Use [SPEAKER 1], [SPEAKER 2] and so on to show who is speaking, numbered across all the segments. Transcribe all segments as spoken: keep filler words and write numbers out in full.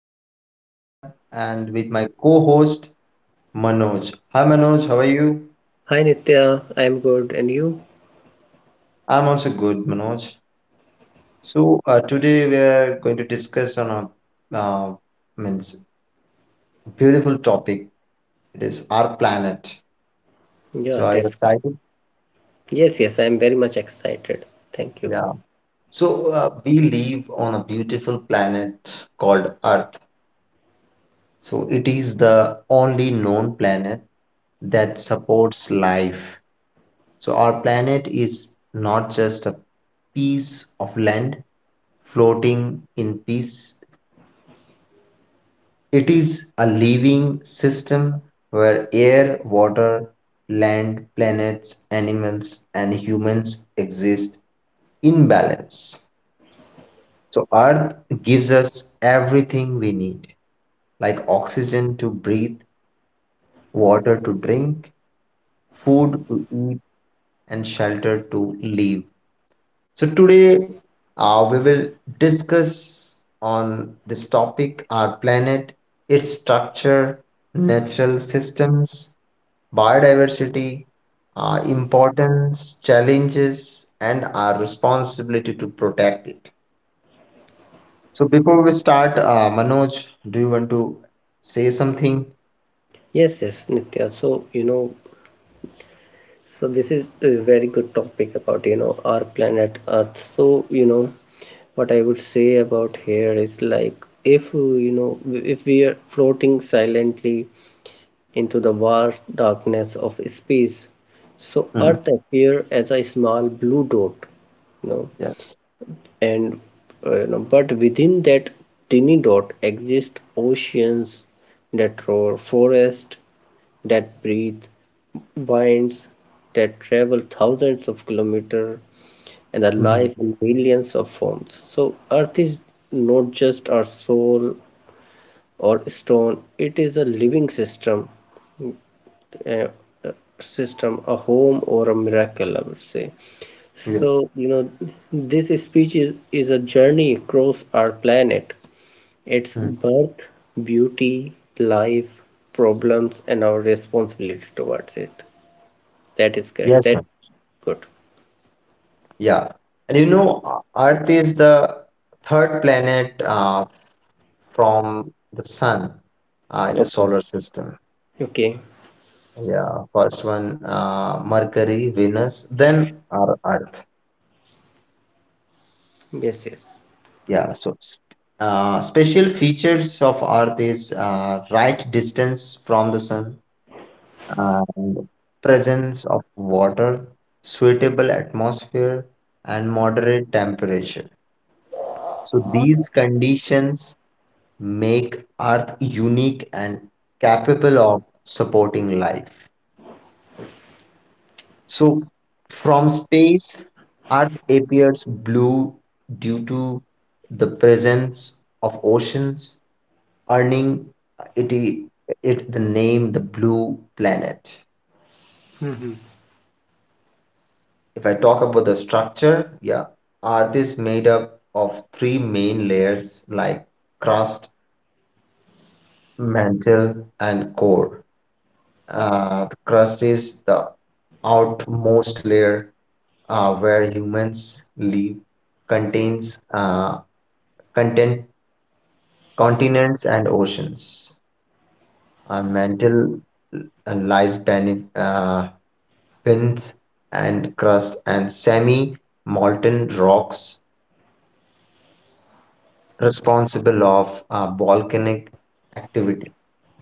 [SPEAKER 1] Your host Nitya and with my co-host Manoj. Hi Manoj, how are you?
[SPEAKER 2] Hi Nitya, I'm good. And you?
[SPEAKER 1] I'm also good, Manoj. So uh, today we are going to discuss on a uh, means beautiful topic. It is our planet.
[SPEAKER 2] Yeah,
[SPEAKER 1] So are you
[SPEAKER 2] that's
[SPEAKER 1] excited?
[SPEAKER 2] Yes, yes, I'm very much excited. Thank you.
[SPEAKER 1] Yeah. So uh, we live on a beautiful planet called Earth. So it is the only known planet that supports life. So, our planet is not just a piece of land floating in peace, it is a living system where air, water, land, planets, animals, and humans exist in balance. So, Earth gives us everything we need, like oxygen to breathe, water to drink, food to eat, and shelter to live. So today uh, we will discuss on this topic our planet, its structure, natural systems, biodiversity, uh, importance, challenges, and our responsibility to protect it. So before we start, uh, Manoj, do you want to say something?
[SPEAKER 2] Yes, yes, Nitya. So, you know, so this is a very good topic about, you know, our planet Earth. So, you know, what I would say about here is like if, uh, you know, if we are floating silently into the vast darkness of space, so
[SPEAKER 1] Mhm.
[SPEAKER 2] Earth appears as a small blue dot, you know
[SPEAKER 1] Yes.
[SPEAKER 2] and uh, no, but within that tiny dot exist oceans that roar, forests that breathe, winds that travel thousands of kilometers, and a life
[SPEAKER 1] Mhm.
[SPEAKER 2] in millions of forms. So Earth is not just our soul or stone; it is a living system uh, system a home or a miracle, I would say. So
[SPEAKER 1] Yes.
[SPEAKER 2] you know this speech is, is a journey across our planet, its
[SPEAKER 1] Mm.
[SPEAKER 2] birth, beauty, life, problems, and our responsibility towards it. That is correct.
[SPEAKER 1] Yes.
[SPEAKER 2] That good.
[SPEAKER 1] Yeah. And you know, uh, Earth is the third planet uh, f- from the sun uh, in the
[SPEAKER 2] Okay.
[SPEAKER 1] solar system.
[SPEAKER 2] Okay.
[SPEAKER 1] Yeah, first one uh, Mercury, Venus, then our Earth.
[SPEAKER 2] Yes, yes.
[SPEAKER 1] Yeah, so s- uh, Special features of Earth is uh, right distance from the sun and presence of water, suitable atmosphere, and moderate temperature. So these conditions make Earth unique and capable of supporting life. So, from space, Earth appears blue due to the presence of oceans, earning it, it the name the blue planet.
[SPEAKER 2] Hmm.
[SPEAKER 1] If I talk about the structure, yeah, Earth is made up of three main layers like crust, mantle, and core. Uh, the crust is the outmost layer uh, where humans live, contains uh, content continents and oceans. Our mantle uh, lies beneath uh, pins and crust and semi-molten rocks responsible of uh, volcanic activity.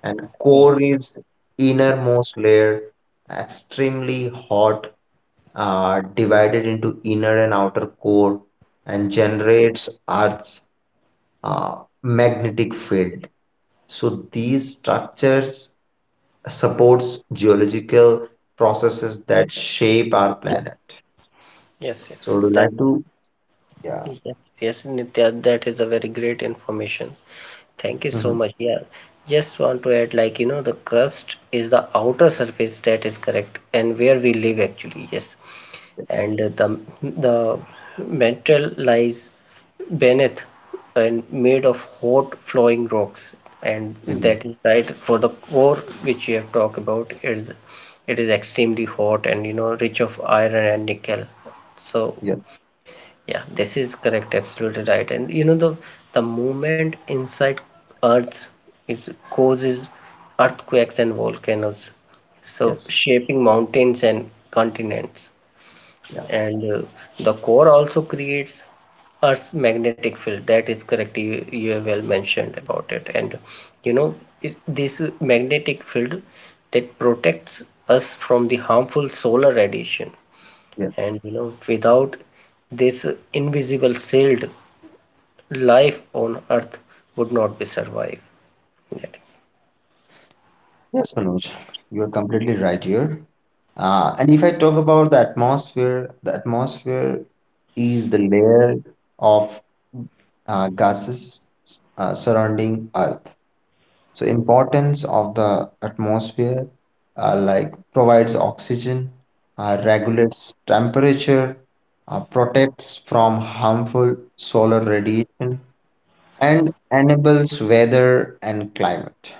[SPEAKER 1] And
[SPEAKER 2] Right.
[SPEAKER 1] core is innermost layer, extremely hot, uh, divided into inner and outer core and generates Earth's uh, magnetic field. So these structures supports geological processes that shape our planet.
[SPEAKER 2] Yes,
[SPEAKER 1] So
[SPEAKER 2] yes.
[SPEAKER 1] would you
[SPEAKER 2] That,
[SPEAKER 1] like to? Yeah.
[SPEAKER 2] yes, yes, Nitya, that is a very great information. Thank you so
[SPEAKER 1] Hmm.
[SPEAKER 2] much. Yeah, just want to add, like, you know, the crust is the outer surface, that is correct, and where we live actually. Yes, and uh, the the mantle lies beneath and made of hot flowing rocks. And
[SPEAKER 1] Hmm.
[SPEAKER 2] that is right for the core which you have talked about. It is it is extremely hot, and you know, rich of iron and nickel. So
[SPEAKER 1] Yeah.
[SPEAKER 2] yeah, this is correct, absolutely right. And you know, the the movement inside Earth is causes earthquakes and volcanoes, so
[SPEAKER 1] Yes.
[SPEAKER 2] shaping mountains and continents.
[SPEAKER 1] Yeah.
[SPEAKER 2] And uh, the core also creates Earth's magnetic field. That is correct. You you have well mentioned about it. And you know it, this magnetic field that protects us from the harmful solar radiation.
[SPEAKER 1] Yes.
[SPEAKER 2] And you know, without this invisible shield, life on Earth would not be survive. That is,
[SPEAKER 1] Yes, Manoj, you are completely right here. Uh, and if I talk about the atmosphere, the atmosphere is the layer of uh, gases uh, surrounding Earth. So importance of the atmosphere, uh, like provides oxygen, uh, regulates temperature, uh, protects from harmful solar radiation, and enables weather and climate.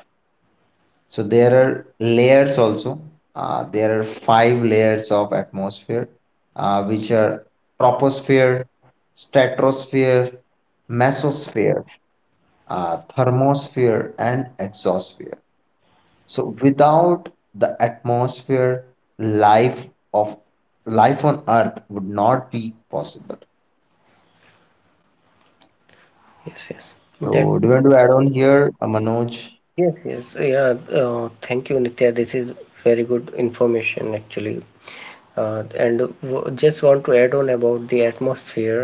[SPEAKER 1] So there are layers also. Uh, there are five layers of atmosphere, uh, which are troposphere, stratosphere, mesosphere, uh, thermosphere and exosphere. So without the atmosphere, life of life on Earth would not be possible.
[SPEAKER 2] yes, yes. That,
[SPEAKER 1] So do
[SPEAKER 2] that,
[SPEAKER 1] you want to add on
[SPEAKER 2] that-
[SPEAKER 1] here, uh, Manoj?
[SPEAKER 2] yes, yes. Yeah. Uh, thank you, Nitya. This is very good information, actually. Uh, and w just want to add on about the atmosphere.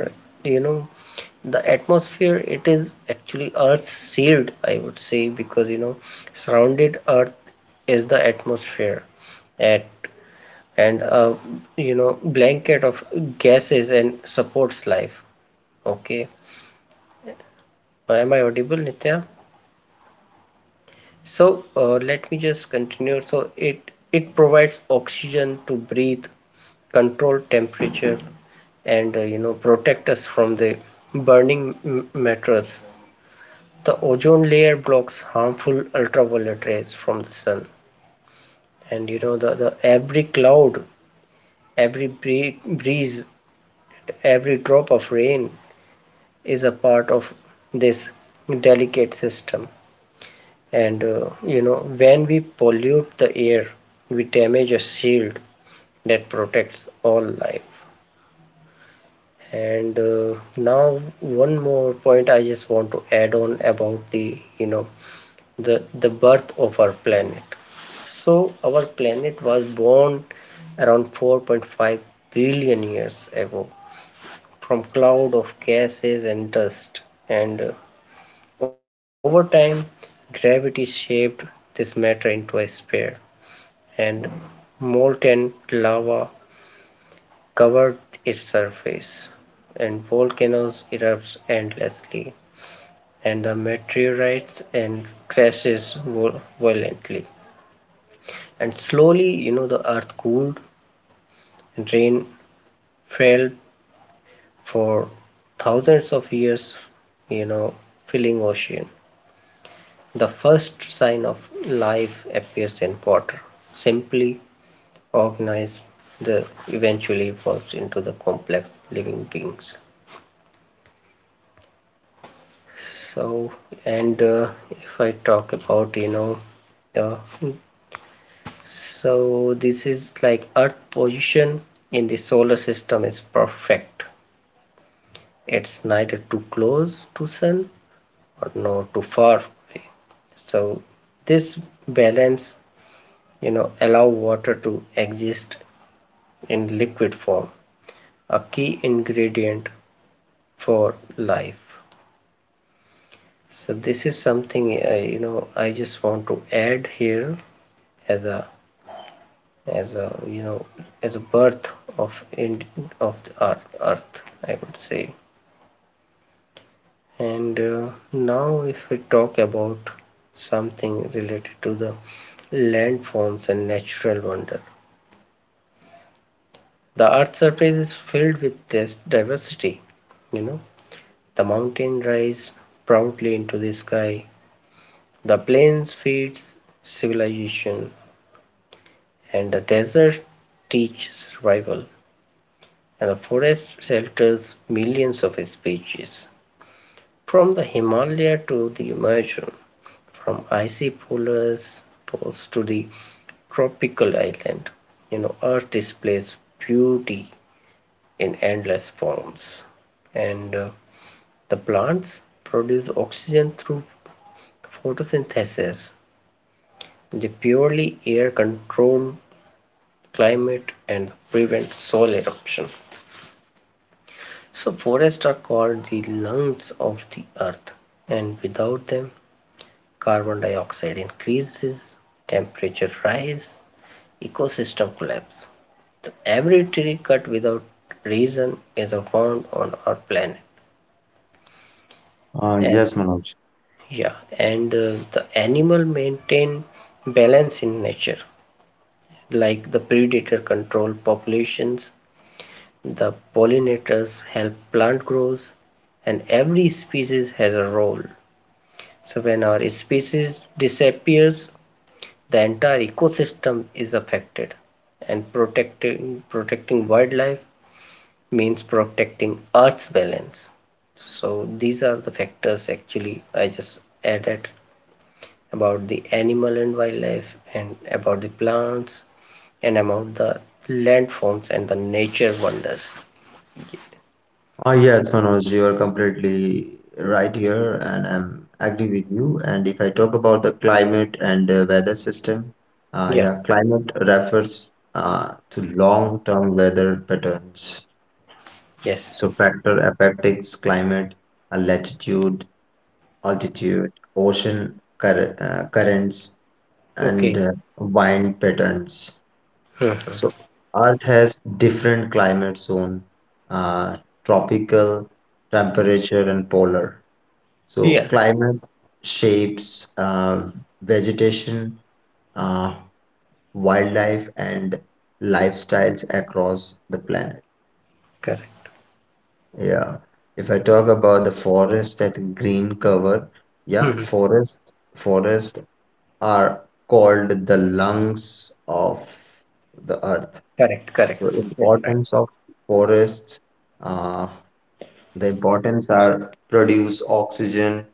[SPEAKER 2] You know, the atmosphere, it is actually Earth's shield, I would say, because you know, surrounded Earth is the atmosphere at and uh, you
[SPEAKER 1] Uh,
[SPEAKER 2] know
[SPEAKER 1] Manoj,
[SPEAKER 2] blanket of gases and supports life.
[SPEAKER 1] are you
[SPEAKER 2] Okay.
[SPEAKER 1] there?
[SPEAKER 2] Uh, am I audible, Nitya? So uh, let me just continue. So it it provides oxygen to breathe, control temperature, and uh, you know protect us from the burning m- matters. The ozone layer blocks harmful ultraviolet rays from the sun. And you know the, the every cloud, every breeze, every drop of rain is a part of this delicate system. And uh, you know when we pollute the air, we damage a shield that protects all life. And uh, now one more point I just want to add on about the you know the the birth of our planet. So our planet was born around four point five billion years ago from cloud of gases and dust. And uh, over time, gravity shaped this matter into a sphere, and molten lava covered its surface, and volcanoes erupt endlessly, and the meteorites and crashes vol- violently. And slowly, you know, the earth cooled and rain fell for thousands of years, you know, filling ocean. The first sign of life appears in water. Simply organized, the eventually evolves into the complex living beings. So and uh, if I talk about you know uh, so this is like earth position in the solar system is perfect. It's neither too close to sun or nor too far away. So this balance, you know allow water to exist in liquid form, a key ingredient for life. So this is something, uh, you know I just want to add here as a as a you know as a birth of in of the earth, earth I would say. And uh, now if we talk about something related to the landforms and natural wonders. The Earth's surface is filled with this diversity. You know, the mountain rise proudly into the sky, the plains feeds civilization, and the desert teaches survival, and the forest shelters millions of species. From the Himalaya to the Amazon, from icy polars poles to the tropical island, you know, Earth displays beauty in endless forms. And uh, the plants produce oxygen through photosynthesis. They purely air control climate and prevent soil eruption. So forests are called the lungs of the earth, and without them, carbon dioxide increases, temperature rise, ecosystem collapse. So every tree cut without reason is a wound on our planet.
[SPEAKER 1] Uh,
[SPEAKER 2] And
[SPEAKER 1] yes, Manoj.
[SPEAKER 2] yeah, and uh, the animal maintain balance in nature, like the predator control populations, the pollinators help plant grows, and every species has a role. So when our species disappears, the entire ecosystem is affected. And protecting protecting wildlife means protecting Earth's balance. So these are the factors actually I just added about the animal and wildlife and about the plants and about the landforms and the nature wonders.
[SPEAKER 1] Uh, yes, Manoj, you are completely right here, and I'm agree with you. And if I talk about the climate and uh, weather system, uh,
[SPEAKER 2] Yeah,
[SPEAKER 1] yeah, climate refers uh, to long-term weather patterns.
[SPEAKER 2] yes.
[SPEAKER 1] So factor affecting climate, uh, latitude, altitude, ocean curr uh, currents, and
[SPEAKER 2] Okay.
[SPEAKER 1] uh, wind patterns. So
[SPEAKER 2] Mhm.
[SPEAKER 1] Earth has different climate zone, uh, tropical, temperature, and polar. So
[SPEAKER 2] Yes,
[SPEAKER 1] climate shapes uh, vegetation, uh, wildlife, and lifestyles across the planet.
[SPEAKER 2] correct.
[SPEAKER 1] Yeah. If I talk about the forest that green cover, yeah,
[SPEAKER 2] Mhm.
[SPEAKER 1] forest forest are called the lungs of the earth.
[SPEAKER 2] Correct, correct.
[SPEAKER 1] The
[SPEAKER 2] Yes, right.
[SPEAKER 1] importance of forests, uh, the importance are produce oxygen,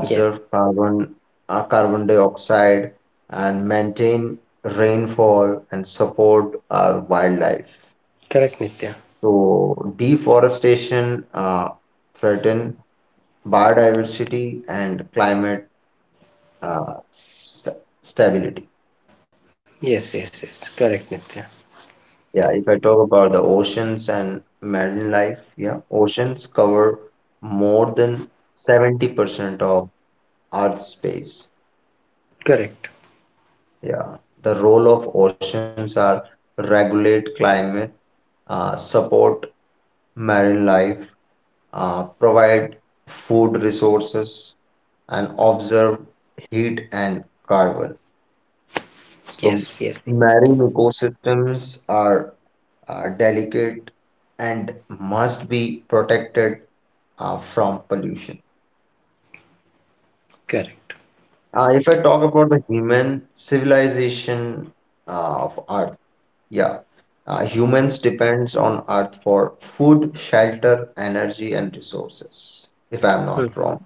[SPEAKER 2] Yes,
[SPEAKER 1] carbon, uh, carbon dioxide and maintain rainfall and support our wildlife.
[SPEAKER 2] correct, Nitya.
[SPEAKER 1] So deforestation uh, threaten biodiversity and climate uh, s- stability.
[SPEAKER 2] Yes, yes, yes. Correct, Nitya.
[SPEAKER 1] Yeah, if I talk about the oceans and marine life, yeah, oceans cover more than seventy percent of Earth's space.
[SPEAKER 2] Correct.
[SPEAKER 1] Yeah, the role of oceans are regulate climate, uh, support marine life, uh, provide food resources, and observe heat and carbon.
[SPEAKER 2] Yes,
[SPEAKER 1] So
[SPEAKER 2] yes. Yes.
[SPEAKER 1] marine ecosystems are uh, delicate and must be protected uh, from pollution.
[SPEAKER 2] Correct.
[SPEAKER 1] Uh, if I talk about the human civilization uh, of Earth, yeah, uh, humans depends on Earth for food, shelter, energy, and resources. If I'm
[SPEAKER 2] Hmm.
[SPEAKER 1] not wrong,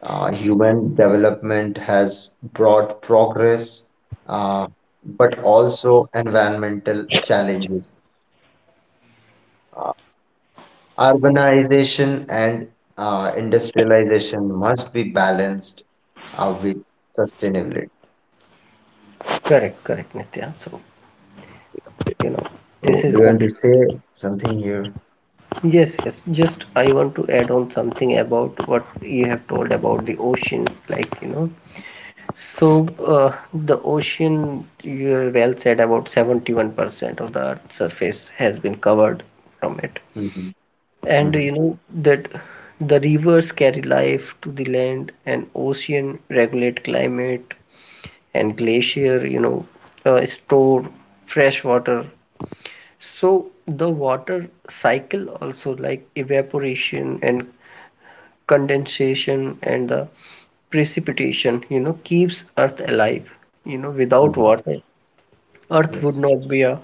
[SPEAKER 1] uh, human development has brought progress, uh, but also environmental challenges. Uh, Urbanization and uh, industrialization must be balanced uh, with sustainability.
[SPEAKER 2] Correct, correct, Nitya. So, you know,
[SPEAKER 1] So,
[SPEAKER 2] this
[SPEAKER 1] do
[SPEAKER 2] is
[SPEAKER 1] you want to
[SPEAKER 2] good.
[SPEAKER 1] say something here?
[SPEAKER 2] Yes, yes. Just I want to add on something about what you have told about the ocean, like, you know, so uh, the ocean, you well said, about seventy-one percent of the Earth's surface has been covered from it.
[SPEAKER 1] Mm-hmm.
[SPEAKER 2] And
[SPEAKER 1] Mm-hmm.
[SPEAKER 2] you know that the rivers carry life to the land, and ocean regulate climate, and glacier, you know, uh, store fresh water. So the water cycle also, like evaporation and condensation and the precipitation, you know keeps earth alive. You know without
[SPEAKER 1] Mm-hmm.
[SPEAKER 2] water, earth would
[SPEAKER 1] Yes.
[SPEAKER 2] not be a,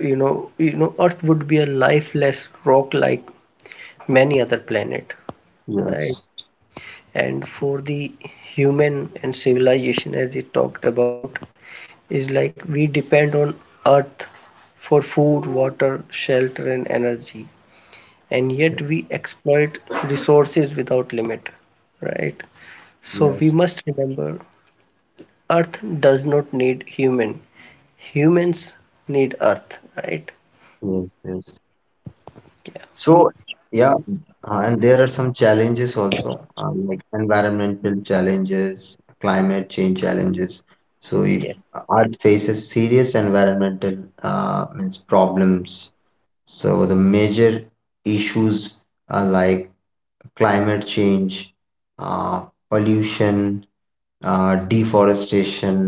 [SPEAKER 2] you know you know earth would be a lifeless rock like many other planet, right.
[SPEAKER 1] Yes.
[SPEAKER 2] And for the human and civilization, as you talked about, is like we depend on earth for food, water, shelter, and energy, and
[SPEAKER 1] Yes.
[SPEAKER 2] yet we exploit resources without limit, right. So we
[SPEAKER 1] Yes.
[SPEAKER 2] must remember, earth does not need human, humans need earth, right.
[SPEAKER 1] Yes. Yes.
[SPEAKER 2] Yeah.
[SPEAKER 1] So, yeah, uh, and there are some challenges also, uh, like environmental challenges, climate change challenges. So,
[SPEAKER 2] Yeah,
[SPEAKER 1] if Earth faces serious environmental uh, means problems, so the major issues are like climate change, uh, pollution, uh, deforestation,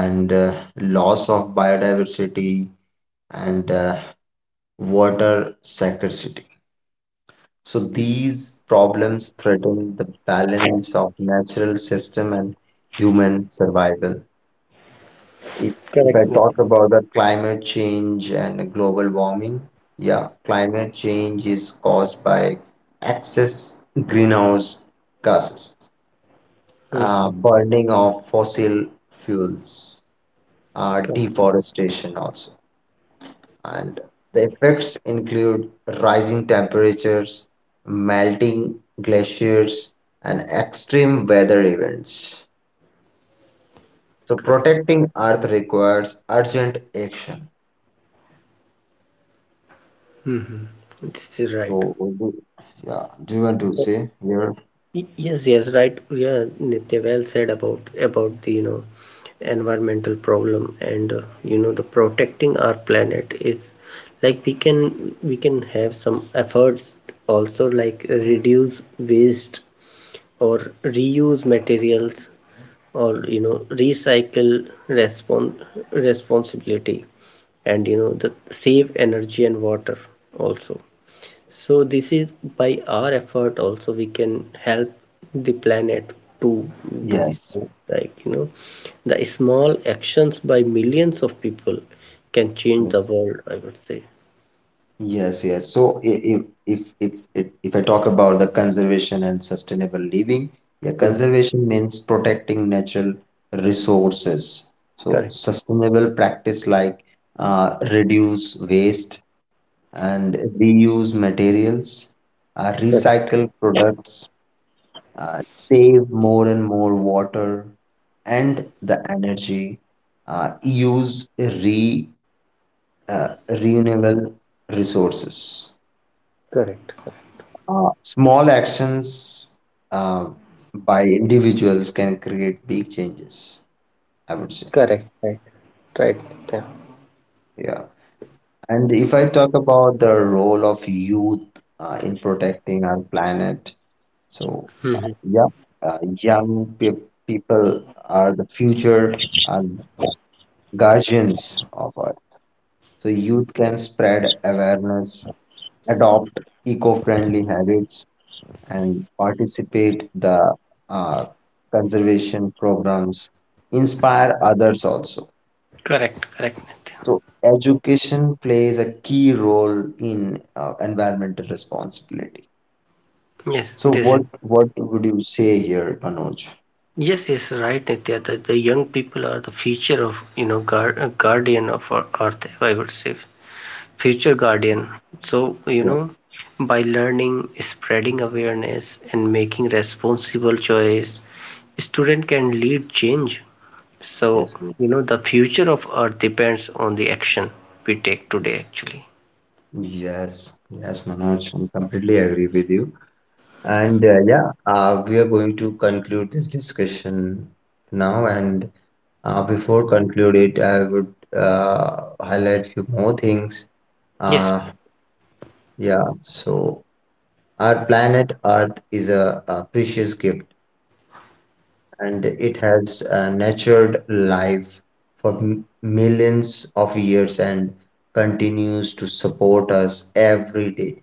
[SPEAKER 1] and uh, loss of biodiversity and uh, water scarcity. So these problems threaten the balance of natural system and human survival. If if I
[SPEAKER 2] correct,
[SPEAKER 1] talk
[SPEAKER 2] Nitin.
[SPEAKER 1] about the climate change and global warming, yeah, climate change is caused by excess greenhouse gases, uh,
[SPEAKER 2] Mhm.
[SPEAKER 1] burning of fossil fuels, uh,
[SPEAKER 2] Cor-
[SPEAKER 1] deforestation also, and the effects include rising temperatures, melting glaciers, and extreme weather events. So
[SPEAKER 2] correct.
[SPEAKER 1] protecting Earth requires urgent action.
[SPEAKER 2] Hmm. This is right.
[SPEAKER 1] So, what do, yeah, do you want to
[SPEAKER 2] So
[SPEAKER 1] say here?
[SPEAKER 2] Y- yes, yes, right. Yeah, Nitya, well said about about the you know environmental problem. And uh, you know the protecting our planet is like we can we can have some efforts also, like reduce waste or reuse materials, or you know recycle, respon responsibility, and you know the save energy and water also. So this is by our effort also, we can help the planet to to be
[SPEAKER 1] Yes,
[SPEAKER 2] saved. Like you know, the small actions by millions of people can change the
[SPEAKER 1] yes,
[SPEAKER 2] world, I would say.
[SPEAKER 1] yes, yes. So, i- if if if if if I talk about the conservation and sustainable living, yeah,
[SPEAKER 2] Mhm.
[SPEAKER 1] conservation means protecting natural resources. So,
[SPEAKER 2] Correct.
[SPEAKER 1] sustainable practice like uh, reduce waste and reuse materials, uh,
[SPEAKER 2] Correct.
[SPEAKER 1] recycle products, uh, save more and more water and the energy, uh, use re, uh, renewable resources.
[SPEAKER 2] Correct.
[SPEAKER 1] Uh, small actions uh, by individuals can create big changes, I would say.
[SPEAKER 2] Correct, right, right. Nitya.
[SPEAKER 1] Yeah. And if I talk about the role of youth uh, in protecting our planet, so
[SPEAKER 2] Mhm.
[SPEAKER 1] yeah, uh, young pe people are the future, and guardians of earth. So youth can spread awareness, adopt eco-friendly habits, and participate the uh, conservation programs, inspire others also.
[SPEAKER 2] Correct, correct, Nitya.
[SPEAKER 1] So education plays a key role in uh, environmental responsibility.
[SPEAKER 2] Yes,
[SPEAKER 1] So
[SPEAKER 2] this is.
[SPEAKER 1] what what would you say here, Manoj?
[SPEAKER 2] Yes, yes, right, Nitya. The, the young people are the future of, you know, guard, uh, guardian of our Earth, I would say. Future guardian. So you
[SPEAKER 1] Yeah.
[SPEAKER 2] know by learning, spreading awareness, and making responsible choice, student can lead change. So
[SPEAKER 1] Yes.
[SPEAKER 2] you know the future of earth depends on the action we take today actually.
[SPEAKER 1] Yes. Yes, Manoj. I completely agree with you. And uh, yeah, uh, we are going to conclude this discussion now. And uh, before conclude it, I would uh, highlight few more things.
[SPEAKER 2] Yes.
[SPEAKER 1] Uh, yeah, so our planet Earth is a, a precious gift, and it has uh, nurtured life for m millions of years and continues to support us every day.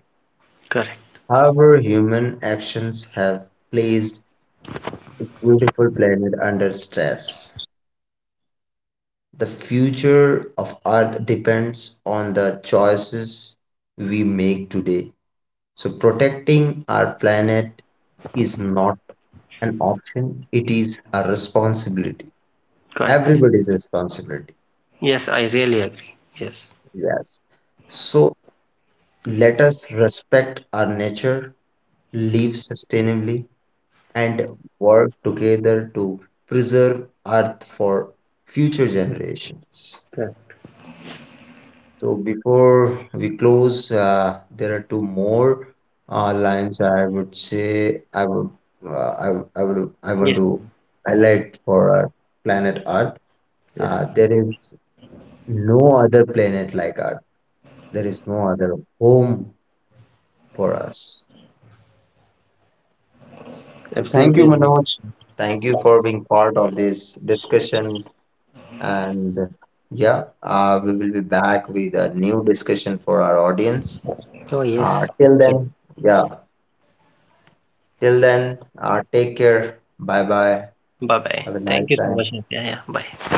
[SPEAKER 2] Correct,
[SPEAKER 1] However, human actions have placed this beautiful planet under stress. The future of Earth depends on the choices we make today. So, protecting our planet is not an option, it is a responsibility.
[SPEAKER 2] correct.
[SPEAKER 1] Everybody's responsibility.
[SPEAKER 2] Yes, I really agree. Yes.
[SPEAKER 1] Yes. So, let us respect our nature, live sustainably, and work together to preserve Earth for future generations.
[SPEAKER 2] Correct.
[SPEAKER 1] So before we close, uh, there are two more uh, lines I would say I would uh, I, would- I would I want
[SPEAKER 2] Yes.
[SPEAKER 1] to highlight for our planet Earth.
[SPEAKER 2] Yes.
[SPEAKER 1] Uh, there is no other planet like Earth. There is no other home for us. So thank you,
[SPEAKER 2] Absolutely.
[SPEAKER 1] Manoj. Thank you for being part of this discussion. And yeah, uh, we will be back with a new discussion for our audience.
[SPEAKER 2] Oh
[SPEAKER 1] Uh,
[SPEAKER 2] yes.
[SPEAKER 1] till then, yeah. Till then, uh, take care. Bye bye.
[SPEAKER 2] Bye bye,
[SPEAKER 1] Have a
[SPEAKER 2] thank
[SPEAKER 1] nice
[SPEAKER 2] you so
[SPEAKER 1] time.
[SPEAKER 2] much, Nitya. Yeah, bye.